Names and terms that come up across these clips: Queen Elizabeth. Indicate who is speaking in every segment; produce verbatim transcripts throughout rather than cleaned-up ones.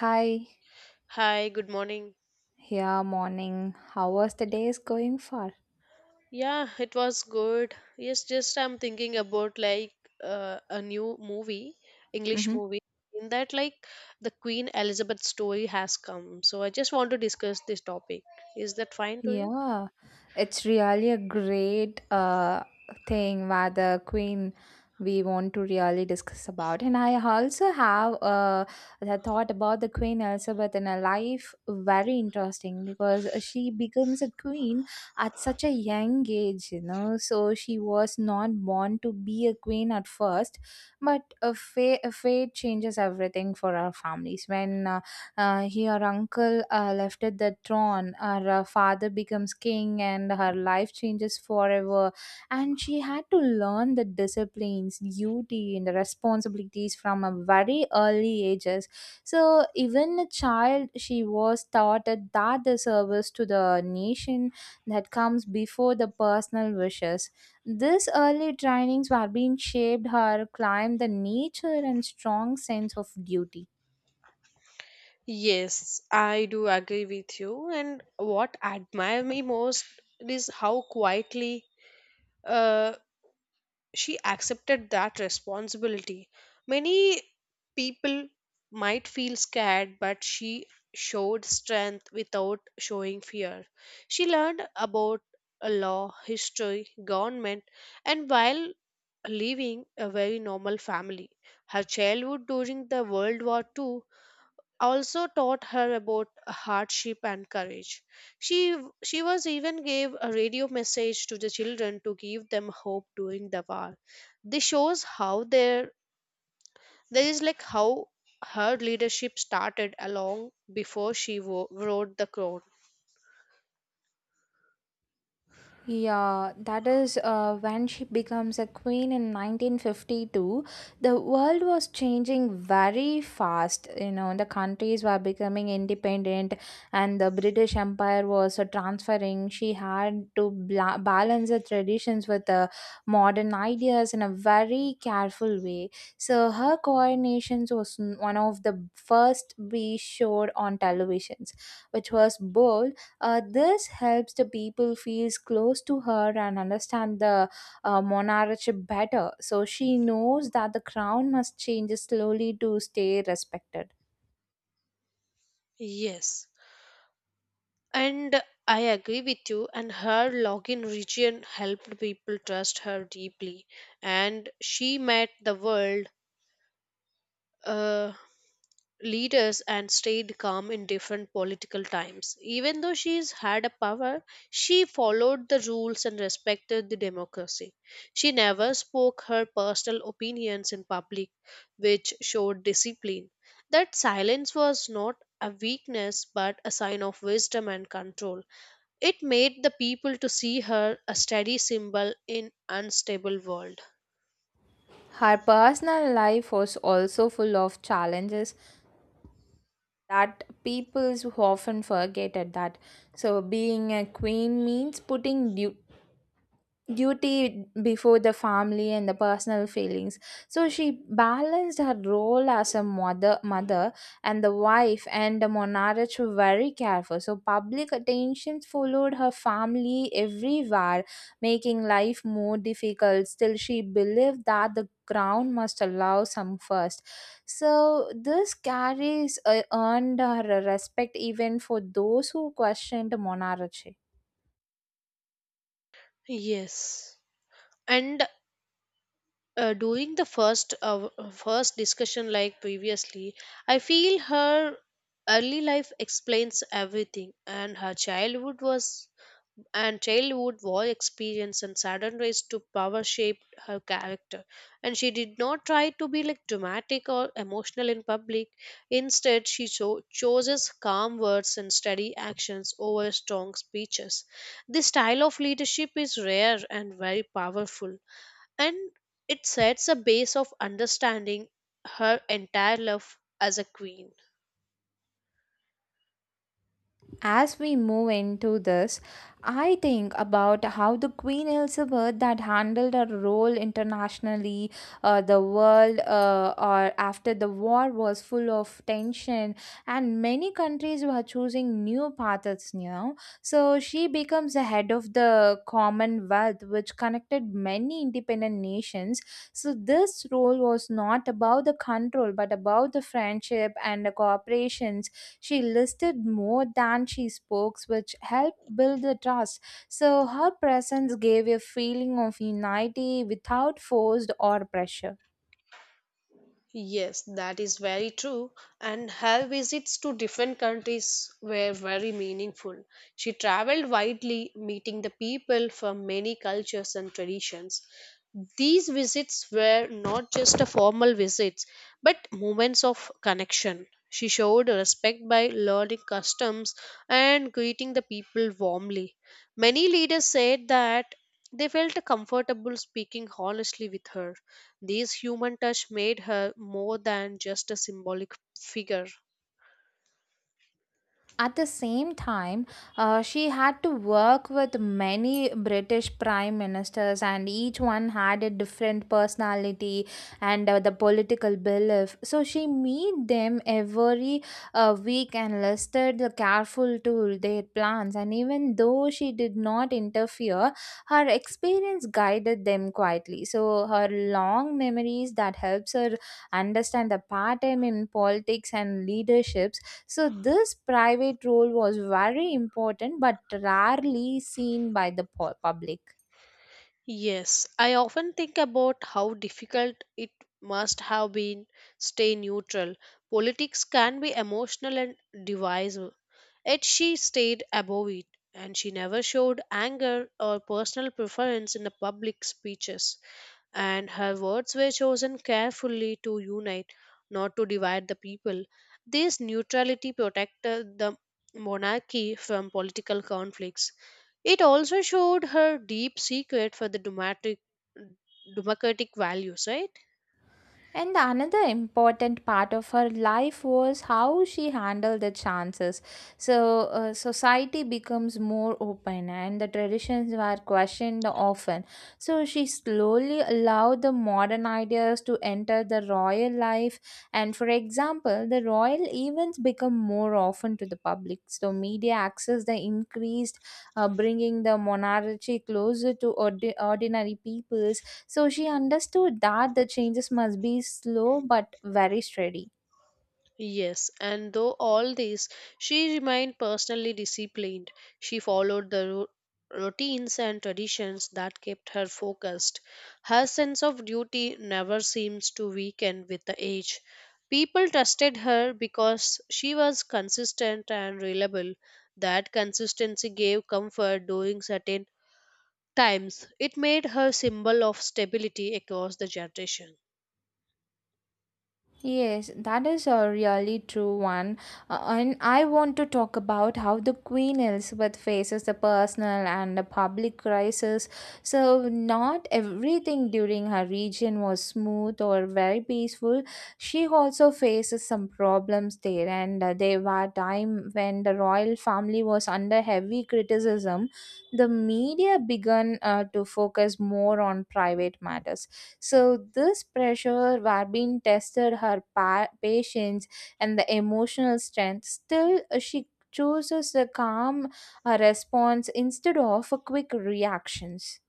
Speaker 1: Hi,
Speaker 2: Hi, good morning.
Speaker 1: here morning. How was the days going for?
Speaker 2: Yeah, it was good. Yes, just I'm thinking about like uh, a new movie, English
Speaker 1: Mhm.
Speaker 2: movie, in that like the Queen Elizabeth story has come. So I just want to discuss this topic. Is that fine to you?
Speaker 1: Yeah, it's really a great uh thing where the queen we want to really discuss about. And I also have uh the thought about the Queen Elizabeth in her life very interesting because she becomes a queen at such a young age, you know. So she was not born to be a queen at first, but a fate, a fate changes everything for our families when. Uh, uh, he- her uncle uh, left at the throne, her uh, father becomes king and her life changes forever, and she had to learn the disciplines, duty and the responsibilities from a very early ages. So even a child, she was taught that that the service to the nation, that comes before the personal wishes. These early trainings were being shaped her climb the nature and strong sense of duty.
Speaker 2: Yes, I do agree with you. And what admire me most is how quietly, uh, she accepted that responsibility. Many people might feel scared, but she showed strength without showing fear. She learned about a law, history, government, and while leaving a very normal family. Her childhood during the World War Two also taught her about hardship and courage. She she was even gave a radio message to the children to give them hope during the war. This shows how there there is like how her leadership started along before she wo- wrote the crown.
Speaker 1: Yeah, that is uh, when she becomes a queen in nineteen fifty-two. The world was changing very fast. You know, the countries were becoming independent and the British Empire was uh, transferring. She had to bla- balance the traditions with the modern ideas in a very careful way. So her coronation was n- one of the first we showed on televisions, which was bold. Uh, this helps the people feels close to her and understand the uh, monarchy better. So she knows that the crown must change slowly to stay respected.
Speaker 2: Yes, and I agree with you. And her login region helped people trust her deeply, and she met the world. Uh, Leaders and stayed calm in different political times. Even though she's had a power, she followed the rules and respected the democracy. She never spoke her personal opinions in public, which showed discipline. That silence was not a weakness but a sign of wisdom and control. It made the people to see her a steady symbol in unstable world.
Speaker 1: Her personal life was also full of challenges that people often forget at that. So being a queen means putting du- duty before the family and the personal feelings. So she balanced her role as a mother mother and the wife and the monarch were very careful. So public attention followed her family everywhere, making life more difficult. Still, she believed that the crown must allow some first. So this carries uh, earned her respect even for those who questioned monarchy.
Speaker 2: Yes. And uh, During the first uh, first discussion like previously, I feel her early life explains everything, and her childhood was and childhood war experience and sudden rise to power shaped her character. And she did not try to be like dramatic or emotional in public. Instead, she cho- chooses calm words and steady actions over strong speeches. This style of leadership is rare and very powerful, and it sets a base of understanding her entire life as a queen.
Speaker 1: As we move into this, I think about how the Queen Elizabeth that handled her role internationally. Uh, the world, uh, or after the war was full of tension, and many countries were choosing new paths now. So she becomes the head of the Commonwealth, which connected many independent nations. So this role was not about the control, but about the friendship and the cooperation. She listed more than she spoke, which helped build the trust. So her presence gave a feeling of unity without forced or pressure.
Speaker 2: Yes, that is very true. And her visits to different countries were very meaningful. She traveled widely, meeting the people from many cultures and traditions. These visits were not just a formal visits, but moments of connection. She showed respect by learning customs and greeting the people warmly. Many leaders said that they felt comfortable speaking honestly with her. This human touch made her more than just a symbolic figure.
Speaker 1: At the same time, uh, she had to work with many British prime ministers, and each one had a different personality and uh, the political belief. So she meet them every uh, week and listed the careful to their plans. And even though she did not interfere, her experience guided them quietly. So her long memories that helps her understand the pattern in politics and leaderships. So this private role was very important but rarely seen by the pu- public.
Speaker 2: Yes, I often think about how difficult it must have been stay neutral. Politics can be emotional and divisive. Yet she stayed above it, and she never showed anger or personal preference in the public speeches, and her words were chosen carefully to unite, not to divide the people. This neutrality protected the monarchy from political conflicts. It also showed her deep secret for the democratic democratic values, right?
Speaker 1: And another important part of her life was how she handled the chances. So uh, society becomes more open and the traditions were questioned often. So she slowly allowed the modern ideas to enter the royal life. And for example, the royal events become more often to the public. So media access the increased, uh, bringing the monarchy closer to ordi- ordinary peoples. So she understood that the changes must be slow but very steady.
Speaker 2: Yes, and though all this, she remained personally disciplined. She followed the ru- routines and traditions that kept her focused. Her sense of duty never seems to weaken with the age. People trusted her because she was consistent and reliable. That consistency gave comfort during certain times. It made her symbol of stability across the generation.
Speaker 1: Yes, that is a really true one. Uh, and I want to talk about how the Queen Elizabeth faces the personal and the public crisis. So not everything during her reign was smooth or very peaceful. She also faces some problems there, and uh, there were time when the royal family was under heavy criticism. The media began uh, to focus more on private matters. So this pressure were being tested her pa- patience and the emotional strength. Still, uh, she chooses a calm uh, response instead of a quick reactions.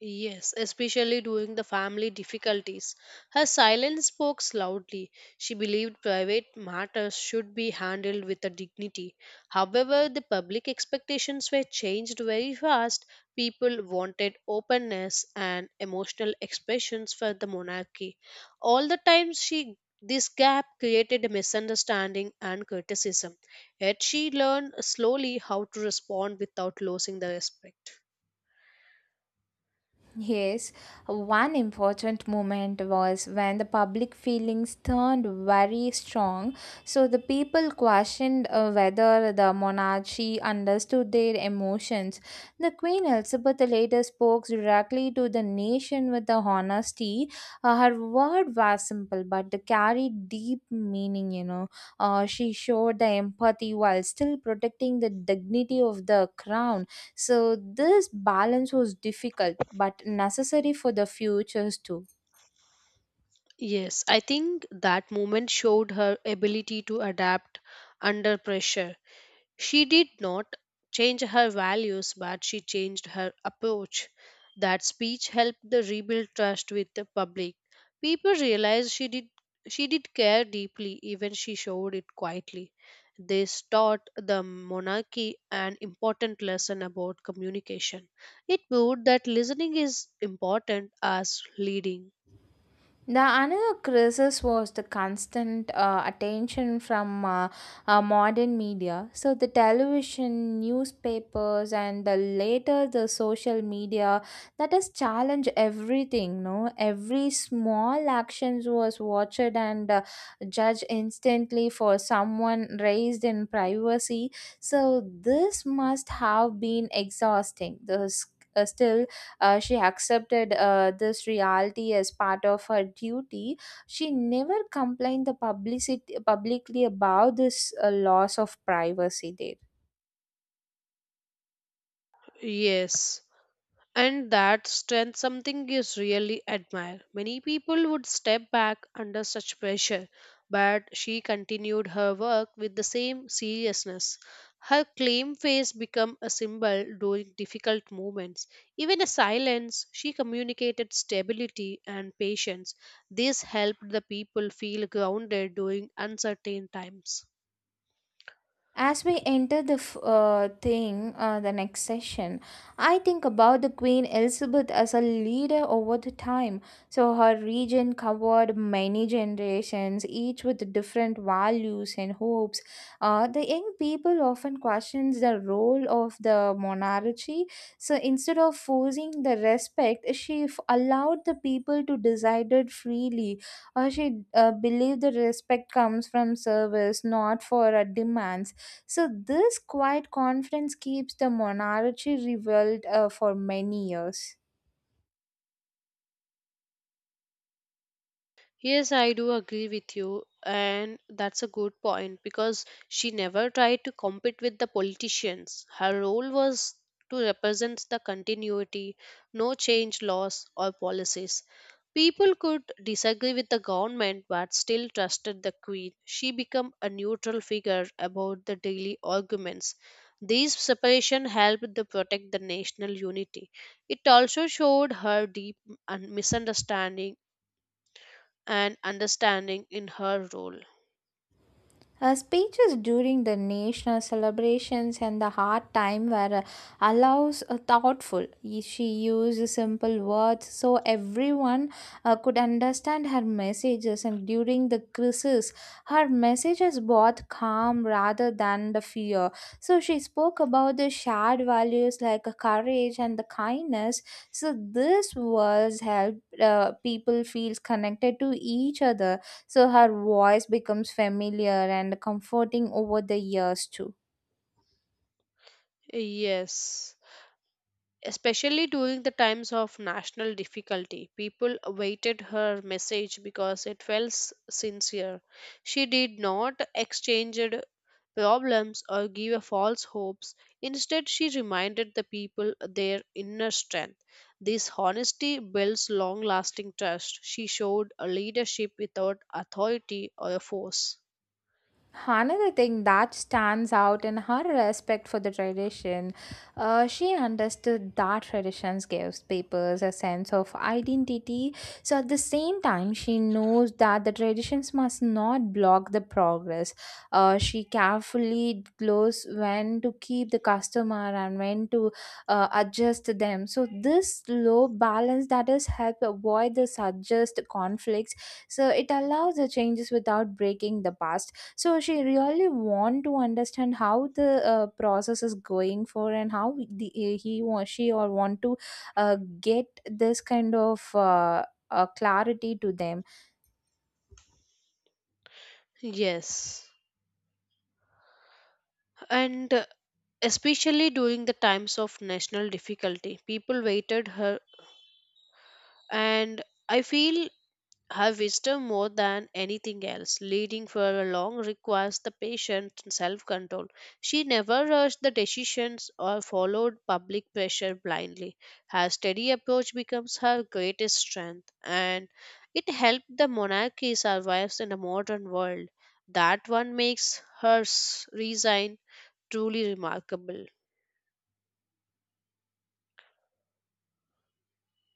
Speaker 2: Yes, especially during the family difficulties. Her silence spoke loudly. She believed private matters should be handled with a dignity. However, the public expectations were changed very fast. People wanted openness and emotional expressions for the monarchy. All the time she this gap created a misunderstanding and criticism. Yet she learned slowly how to respond without losing the respect.
Speaker 1: Yes, one important moment was when the public feelings turned very strong. So the people questioned uh, whether the monarchy understood their emotions. The Queen Elizabeth later spoke directly to the nation with the honesty. Uh, her word was simple but they carried deep meaning, you know. Uh, she showed the empathy while still protecting the dignity of the crown. So this balance was difficult but necessary for the futures too.
Speaker 2: Yes, I think that moment showed her ability to adapt under pressure. She did not change her values, but she changed her approach. That speech helped the rebuild trust with the public. People realized she did she did care deeply, even she showed it quietly. This taught the monarchy an important lesson about communication. It proved that listening is important as leading.
Speaker 1: The another crisis was the constant uh, attention from uh, uh, modern media. So the television, newspapers, and the later the social media that has challenged everything. No, every small actions was watched and uh, judged instantly for someone raised in privacy. So this must have been exhausting. The s- uh, still, uh, she accepted uh, this reality as part of her duty. She never complained the publicity publicly about this uh, loss of privacy there.
Speaker 2: Yes. And that strength something is really admire. Many people would step back under such pressure, but she continued her work with the same seriousness. Her claim face became a symbol during difficult moments. Even in silence, she communicated stability and patience. This helped the people feel grounded during uncertain times.
Speaker 1: As we enter the f- uh, thing, uh, the next session, I think about the Queen Elizabeth as a leader over the time. So her region covered many generations, each with different values and hopes. Uh, the young people often questions the role of the monarchy. So instead of forcing the respect, she f- allowed the people to decide it freely. Uh, she uh, believed the respect comes from service, not for a demand. So this quiet confidence keeps the monarchy revealed uh, for many years.
Speaker 2: Yes, I do agree with you, and that's a good point because she never tried to compete with the politicians. Her role was to represent the continuity, no change laws or policies. People could disagree with the government but still trusted the queen. She became a neutral figure about the daily arguments. This separation helped to protect the national unity. It also showed her deep un- misunderstanding and understanding in her role.
Speaker 1: Uh, speeches during the national celebrations and the hard time were uh, allows a thoughtful. Y- She used simple words so everyone uh, could understand her messages. And during the crisis, her messages brought calm rather than the fear. So she spoke about the shared values like uh, courage and the kindness. So this was help uh, people feel connected to each other. So her voice becomes familiar and comforting over the years too.
Speaker 2: Yes, especially during the times of national difficulty, people awaited her message because it felt s- sincere. She did not exchange problems or give a false hopes. Instead, she reminded the people their inner strength. This honesty builds long lasting trust. She showed a leadership without authority or a force.
Speaker 1: Another thing that stands out in her respect for the tradition, uh, she understood that traditions gives papers a sense of identity. So at the same time, she knows that the traditions must not block the progress. Uh, she carefully knows when to keep the customer and when to uh, adjust them. So this low balance that is help avoid the suggest conflicts. So it allows the changes without breaking the past. So she really want to understand how the uh, process is going for and how the eh, he or she or want to uh, get this kind of uh, uh, clarity to them.
Speaker 2: Yes. And uh, Especially during the times of national difficulty. People waited her, and I feel her wisdom more than anything else. Leading for a long requires the patience and self control. She never rushed the decisions or followed public pressure blindly. Her steady approach becomes her greatest strength, and it helped the monarchy survive in the modern world. That one makes her s- resign truly remarkable.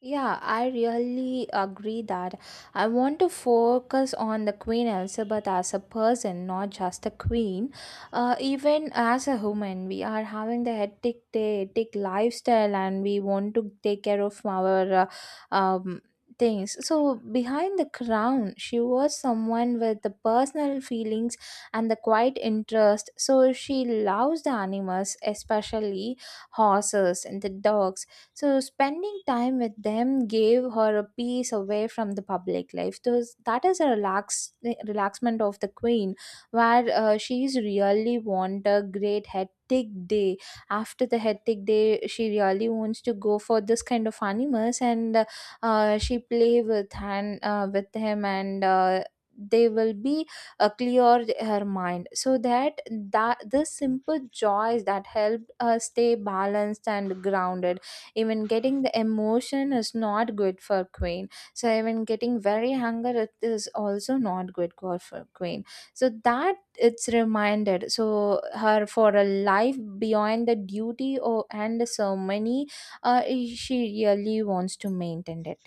Speaker 1: Yeah, I really agree that I want to focus on the Queen Elizabeth as a person, not just a queen. Uh, even as a human, we are having the hectic day, hectic lifestyle, and we want to take care of our uh, um, things. So behind the crown, she was someone with the personal feelings and the quiet interest. So she loves the animals, especially horses and the dogs. So spending time with them gave her a peace away from the public life. Those that is a relax relaxment of the queen, where uh, she's really want a great hectic day. After the hectic day, she really wants to go for this kind of animals, and uh, uh, she play with and uh, with him and. Uh, they will be uh, clear her mind so that that this simple joys that helped her stay balanced and grounded. Even getting the emotion is not good for queen. So even getting very hunger, it is also not good go- for queen. So that it's reminded so her for a life beyond the duty or and the ceremony. uh, she really wants to maintain it.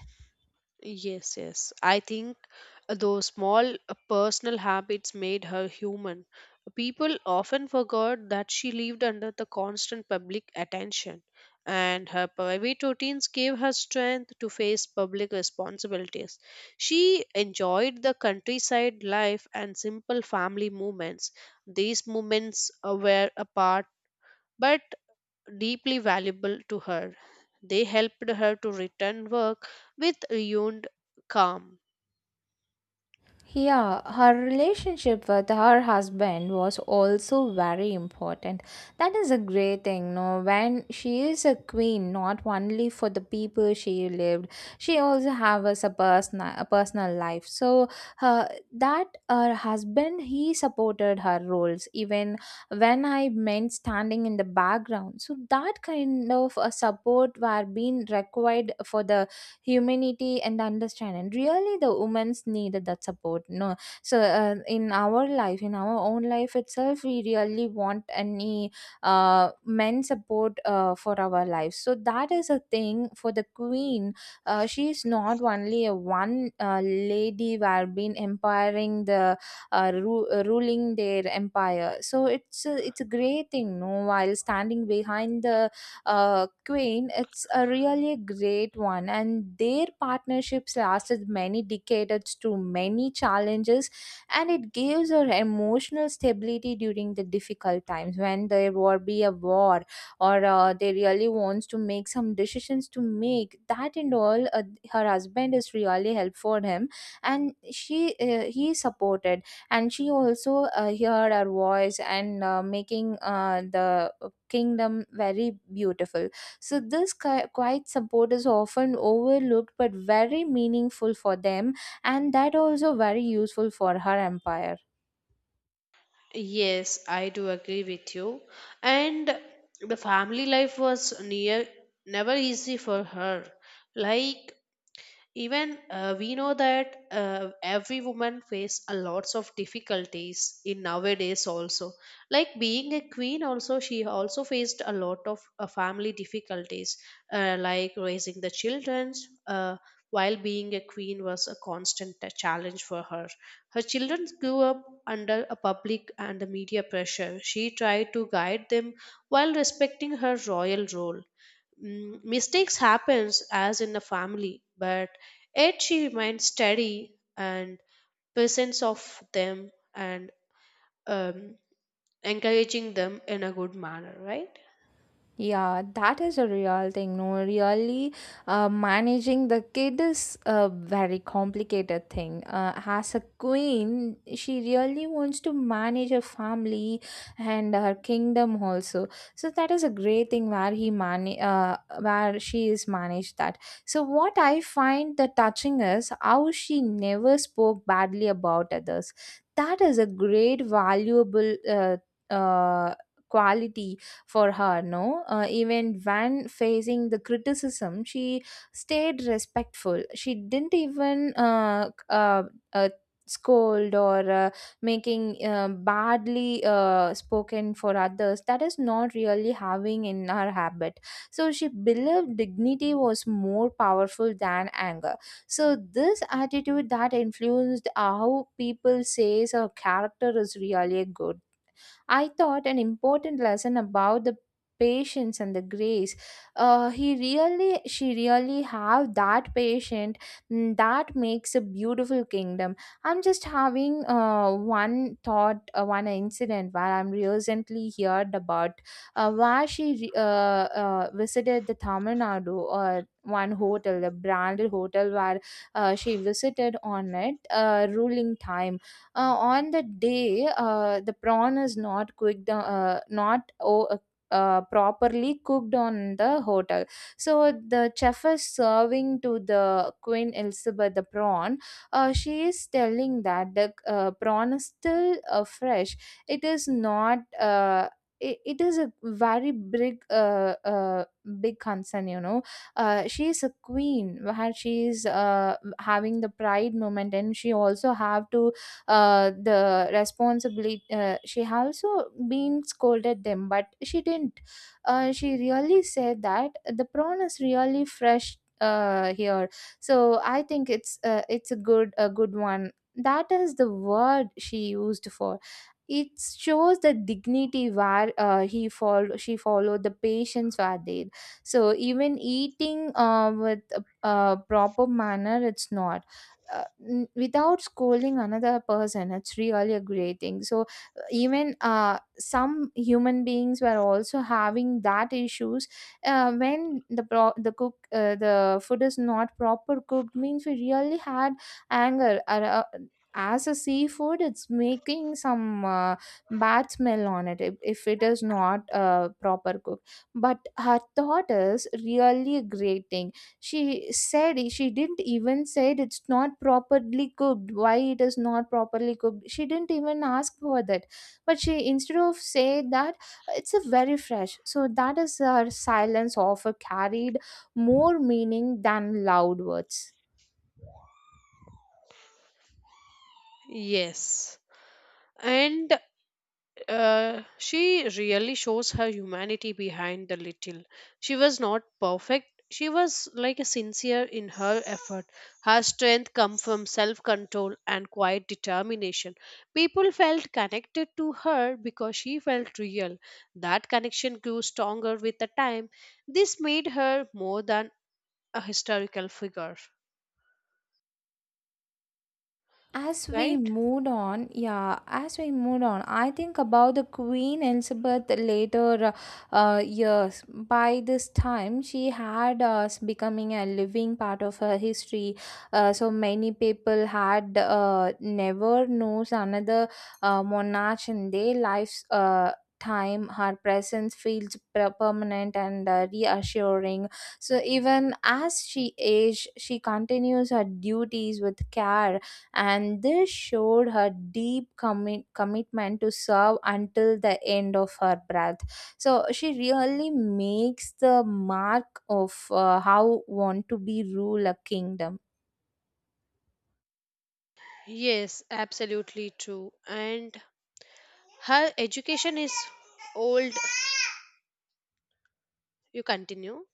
Speaker 2: Yes, yes. I think those small uh, personal habits made her human. People often forgot that she lived under the constant public attention, and her private routines gave her strength to face public responsibilities. She enjoyed the countryside life and simple family moments. These moments uh, were apart. But deeply valuable to her. They helped her to return work with renewed calm.
Speaker 1: Yeah, her relationship with her husband was also very important. That is a great thing, no? When she is a queen, not only for the people she lived, she also have us a personal a personal life. So her that her husband, he supported her roles even when I meant standing in the background. So that kind of a support were being required for the humanity and understanding really the women's needed that support, no. So uh, in our life in our own life itself, we really want any uh, men support uh, for our lives. So that is a thing for the queen. Uh, she is not only a one uh, lady who have been empowering the uh, ru- uh, ruling their empire. So it's a, it's a great thing, no, while standing behind the uh, queen. It's a really great one, and their partnerships lasted many decades through many challenges, and it gives her emotional stability during the difficult times when there will be a war or uh, they really wants to make some decisions to make that and all. Uh, her husband is really helpful for him, and she uh, he supported, and she also uh, heard her voice and uh, making uh, the kingdom very beautiful. So this qui- quiet support is often overlooked but very meaningful for them, and that also very useful for her empire.
Speaker 2: Yes, I do agree with you. And the family life was near never easy for her. Like even, uh, we know that uh, every woman face a lots of difficulties in nowadays also, like being a queen also, she also faced a lot of uh, family difficulties, uh, like raising the children uh, while being a queen was a constant uh, challenge for her. Her children grew up under a public and the media pressure. She tried to guide them while respecting her royal role. Mm, mistakes happens as in a family, but yet she remained steady and presence of them and, um, encouraging them in a good manner, right?
Speaker 1: Yeah, that is a real thing. No, really, uh, managing the kid is a very complicated thing. Uh, as a queen, she really wants to manage her family and her kingdom also. So that is a great thing where he man uh, where she is managed that. So what I find the touching is how she never spoke badly about others. That is a great valuable uh, uh, quality for her, no, uh, even when facing the criticism, she stayed respectful. She didn't even uh, c- uh, uh, scold or uh, making uh, badly uh, spoken for others. That is not really having in her habit, so she believed dignity was more powerful than anger. So this attitude that influenced how people says her character is really good. I thought an important lesson about the patience and the grace. Uh, he really, she really have that patient, mm, that makes a beautiful kingdom. I'm just having uh, one thought, uh, one incident where I'm recently heard about, uh, where she re- uh, uh, visited the Tamil Nadu or one hotel, the branded hotel where uh, she visited on it uh, ruling time. Uh, on the day, uh, the prawn is not cooked, uh, not o- uh, uh, properly cooked on the hotel. So the chef is serving to the Queen Elizabeth the prawn. uh, she is telling that the uh, prawn is still uh, fresh. It is not uh, it, it is a very big uh, uh, big concern, you know. Uh, she is a queen where she is uh, having the pride moment, and she also have to, uh, the responsibility. Uh, she also been scolded them, but she didn't, uh, she really said that the prawn is really fresh uh, here. So I think it's uh, it's a good, a good one. That is the word she used for it. Shows the dignity where uh, he followed she followed the patience were there. So even eating uh, with a, a proper manner, it's not uh, n- without scolding another person, it's really a great thing. So uh, even uh, some human beings were also having that issues. Uh, when the pro- the cook, uh, the food is not proper cooked means, we really had anger. Ar- uh, as a seafood, it's making some uh, bad smell on it if, if it is not uh, proper cooked. But her thought is really a great thing. She said, she didn't even said it's not properly cooked, why it is not properly cooked, she didn't even ask for that. But she instead of say that, it's a very fresh. So that is her silence offer carried more meaning than loud words.
Speaker 2: Yes, and, Uh, she really shows her humanity behind the little. She was not perfect. She was like a sincere in her effort. Her strength come from self-control and quiet determination. People felt connected to her because she felt real. That connection grew stronger with the time. This made her more than a historical figure,
Speaker 1: As we
Speaker 2: right?
Speaker 1: moved on, yeah, as we moved on, I think about the Queen Elizabeth later uh, uh, years. By this time, she had uh, becoming a living part of her history. Uh, so many people had uh, never knows another uh, monarch in their lives. Uh, time her presence feels per- permanent and uh, reassuring. So even as she aged, she continues her duties with care, and this showed her deep commi- commitment to serve until the end of her breath. So she really makes the mark of uh, how want to be rule a kingdom.
Speaker 2: Yes, absolutely true. And her education is old. You continue.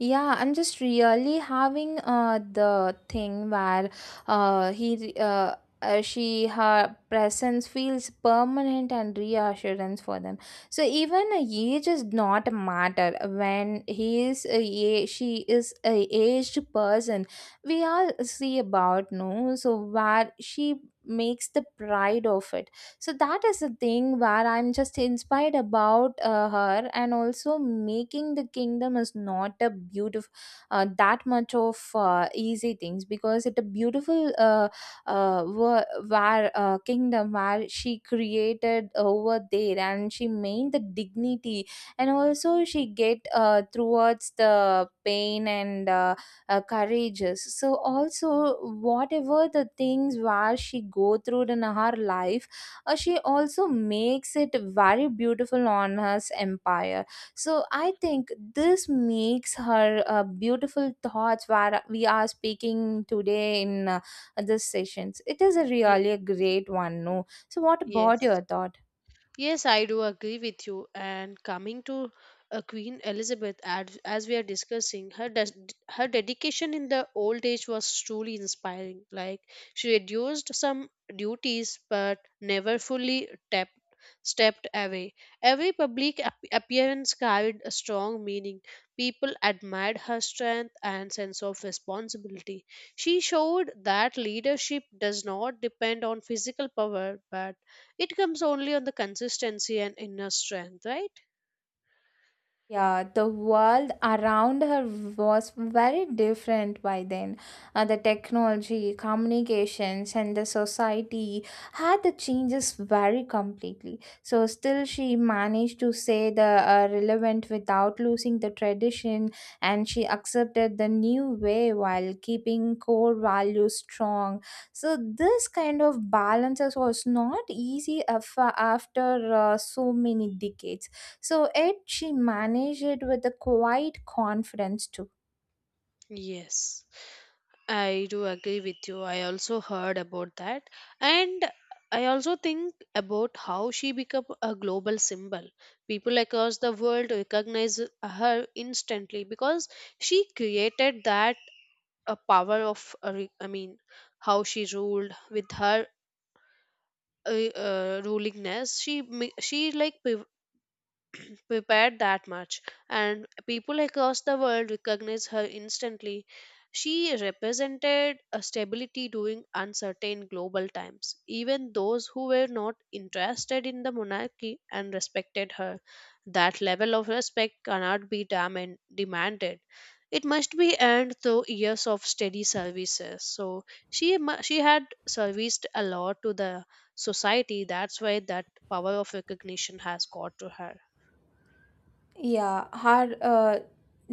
Speaker 1: Yeah, I'm just really having uh the thing where uh he re- uh, uh she her presence feels permanent and reassurance for them. So even a age is not a matter when he is a a- she is a aged person. We all see about, no, so where she makes the pride of it. So that is the thing where I'm just inspired about uh, her. And also making the kingdom is not a beautiful, uh, that much of uh, easy things, because it a beautiful uh, uh, wo- where uh, kingdom where she created over there, and she made the dignity, and also she get uh, towards the pain and uh, uh, courageous. So also, whatever the things where she go through in her life, uh, she also makes it very beautiful on her empire. So I think this makes her uh, beautiful thoughts where we are speaking today in uh, this sessions. It is a
Speaker 2: Ye-
Speaker 1: really a great one, no. So what about
Speaker 2: Yes.
Speaker 1: your thought?
Speaker 2: Yes, I do agree with you. And coming to, uh, Queen Elizabeth, as, as we are discussing, her des- her dedication in the old age was truly inspiring. Like she reduced some duties, but never fully tap stepped away. Every public ap- appearance carried a strong meaning. People admired her strength and sense of responsibility. She showed that leadership does not depend on physical power, but it comes only on the consistency and inner strength, right?
Speaker 1: Yeah, the world around her was very different by then. Uh, the technology, communications, and the society had the changes very completely. So still, she managed to say the uh, relevant without losing the tradition, and she accepted the new way while keeping core values strong. So this kind of balances was not easy af- after uh, so many decades. So, it, she managed it with a quiet confidence too.
Speaker 2: Yes. I do agree with you. I also heard about that. And I also think about how she became a global symbol. People across the world recognize her instantly because she created that a power of, a re- I mean, how she ruled with her uh, uh, rulingness. She ma- she like prepared that much, and people across the world recognize her instantly. She represented a stability during uncertain global times. Even those who were not interested in the monarchy and respected her, that level of respect cannot be dam- demanded. It must be earned through years of steady services. So she mu- she had serviced a lot to the society. That's why that power of recognition has got to her.
Speaker 1: Yeah, our uh,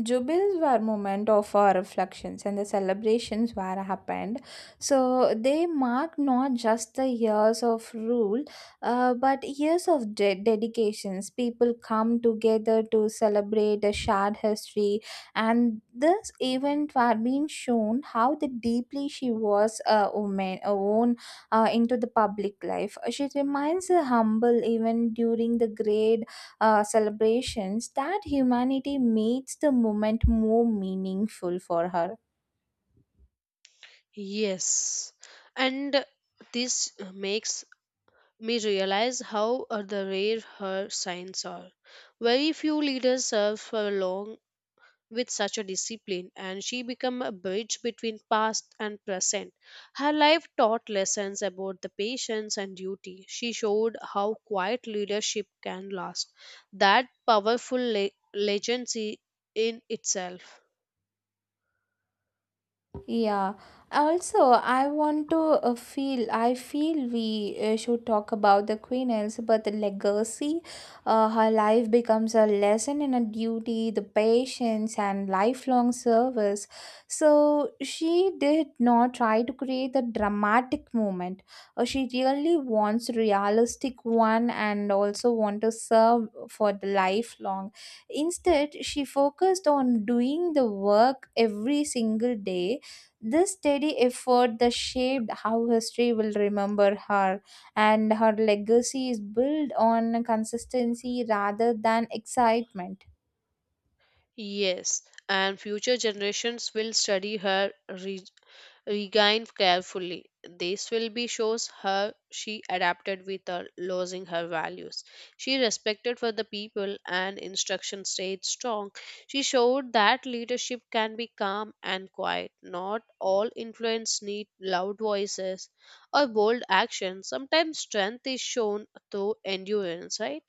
Speaker 1: jubilees were moment of our reflections and the celebrations were happened. So they mark not just the years of rule, uh, but years of de- dedications. People come together to celebrate a shared history, and this event were being shown how the deeply she was a woman, a woman uh, into the public life. She remains humble even during the great uh, celebrations that humanity makes the moment more meaningful for her.
Speaker 2: Yes, and this makes me realize how are the rare her signs are. Very few leaders serve for long with such a discipline, and she became a bridge between past and present. Her life taught lessons about the patience and duty. She showed how quiet leadership can last. That powerful le- legacy in itself.
Speaker 1: Yeah. Also, I want to uh, feel. I feel we uh, should talk about the Queen Elizabeth legacy. Uh, her life becomes a lesson in a duty, the patience, and lifelong service. So she did not try to create a dramatic moment. Uh, she really wants realistic one, and also want to serve for the lifelong. Instead, she focused on doing the work every single day. This steady effort that shaped how history will remember her, and her legacy is built on consistency rather than excitement.
Speaker 2: Yes, and future generations will study her re- regained carefully. This will be shows her she adapted without losing her values. She respected for the people and instruction stayed strong. She showed that leadership can be calm and quiet. Not all influence need loud voices or bold action. Sometimes strength is shown through endurance, right?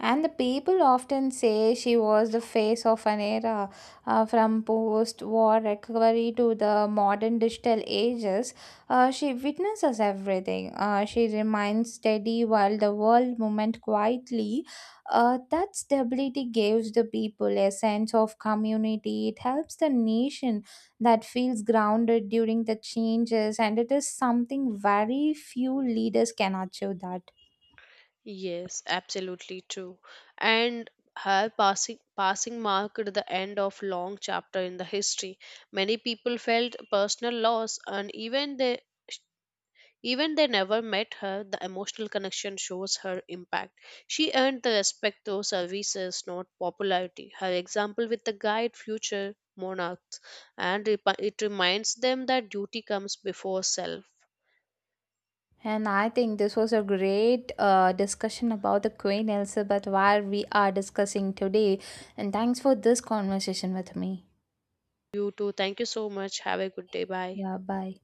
Speaker 1: And the people often say she was the face of an era, uh, from post war recovery to the modern digital ages. Uh, she witnesses everything. Uh, she remains steady while the world movement quietly. Uh, that stability gives the people a sense of community. It helps the nation that feels grounded during the changes, and it is something very few leaders can achieve that.
Speaker 2: Yes, absolutely true. And her passing passing marked the end of long chapter in the history. Many people felt personal loss and even they even they never met her, the emotional connection shows her impact. She earned the respect through services, not popularity. Her example with the guide future monarchs and it it reminds them that duty comes before self.
Speaker 1: And I think this was a great uh, discussion about the Queen Elizabeth, where we are discussing today. And thanks for this conversation with me.
Speaker 2: You too. Thank you so much. Have a good day. Bye.
Speaker 1: Yeah, bye.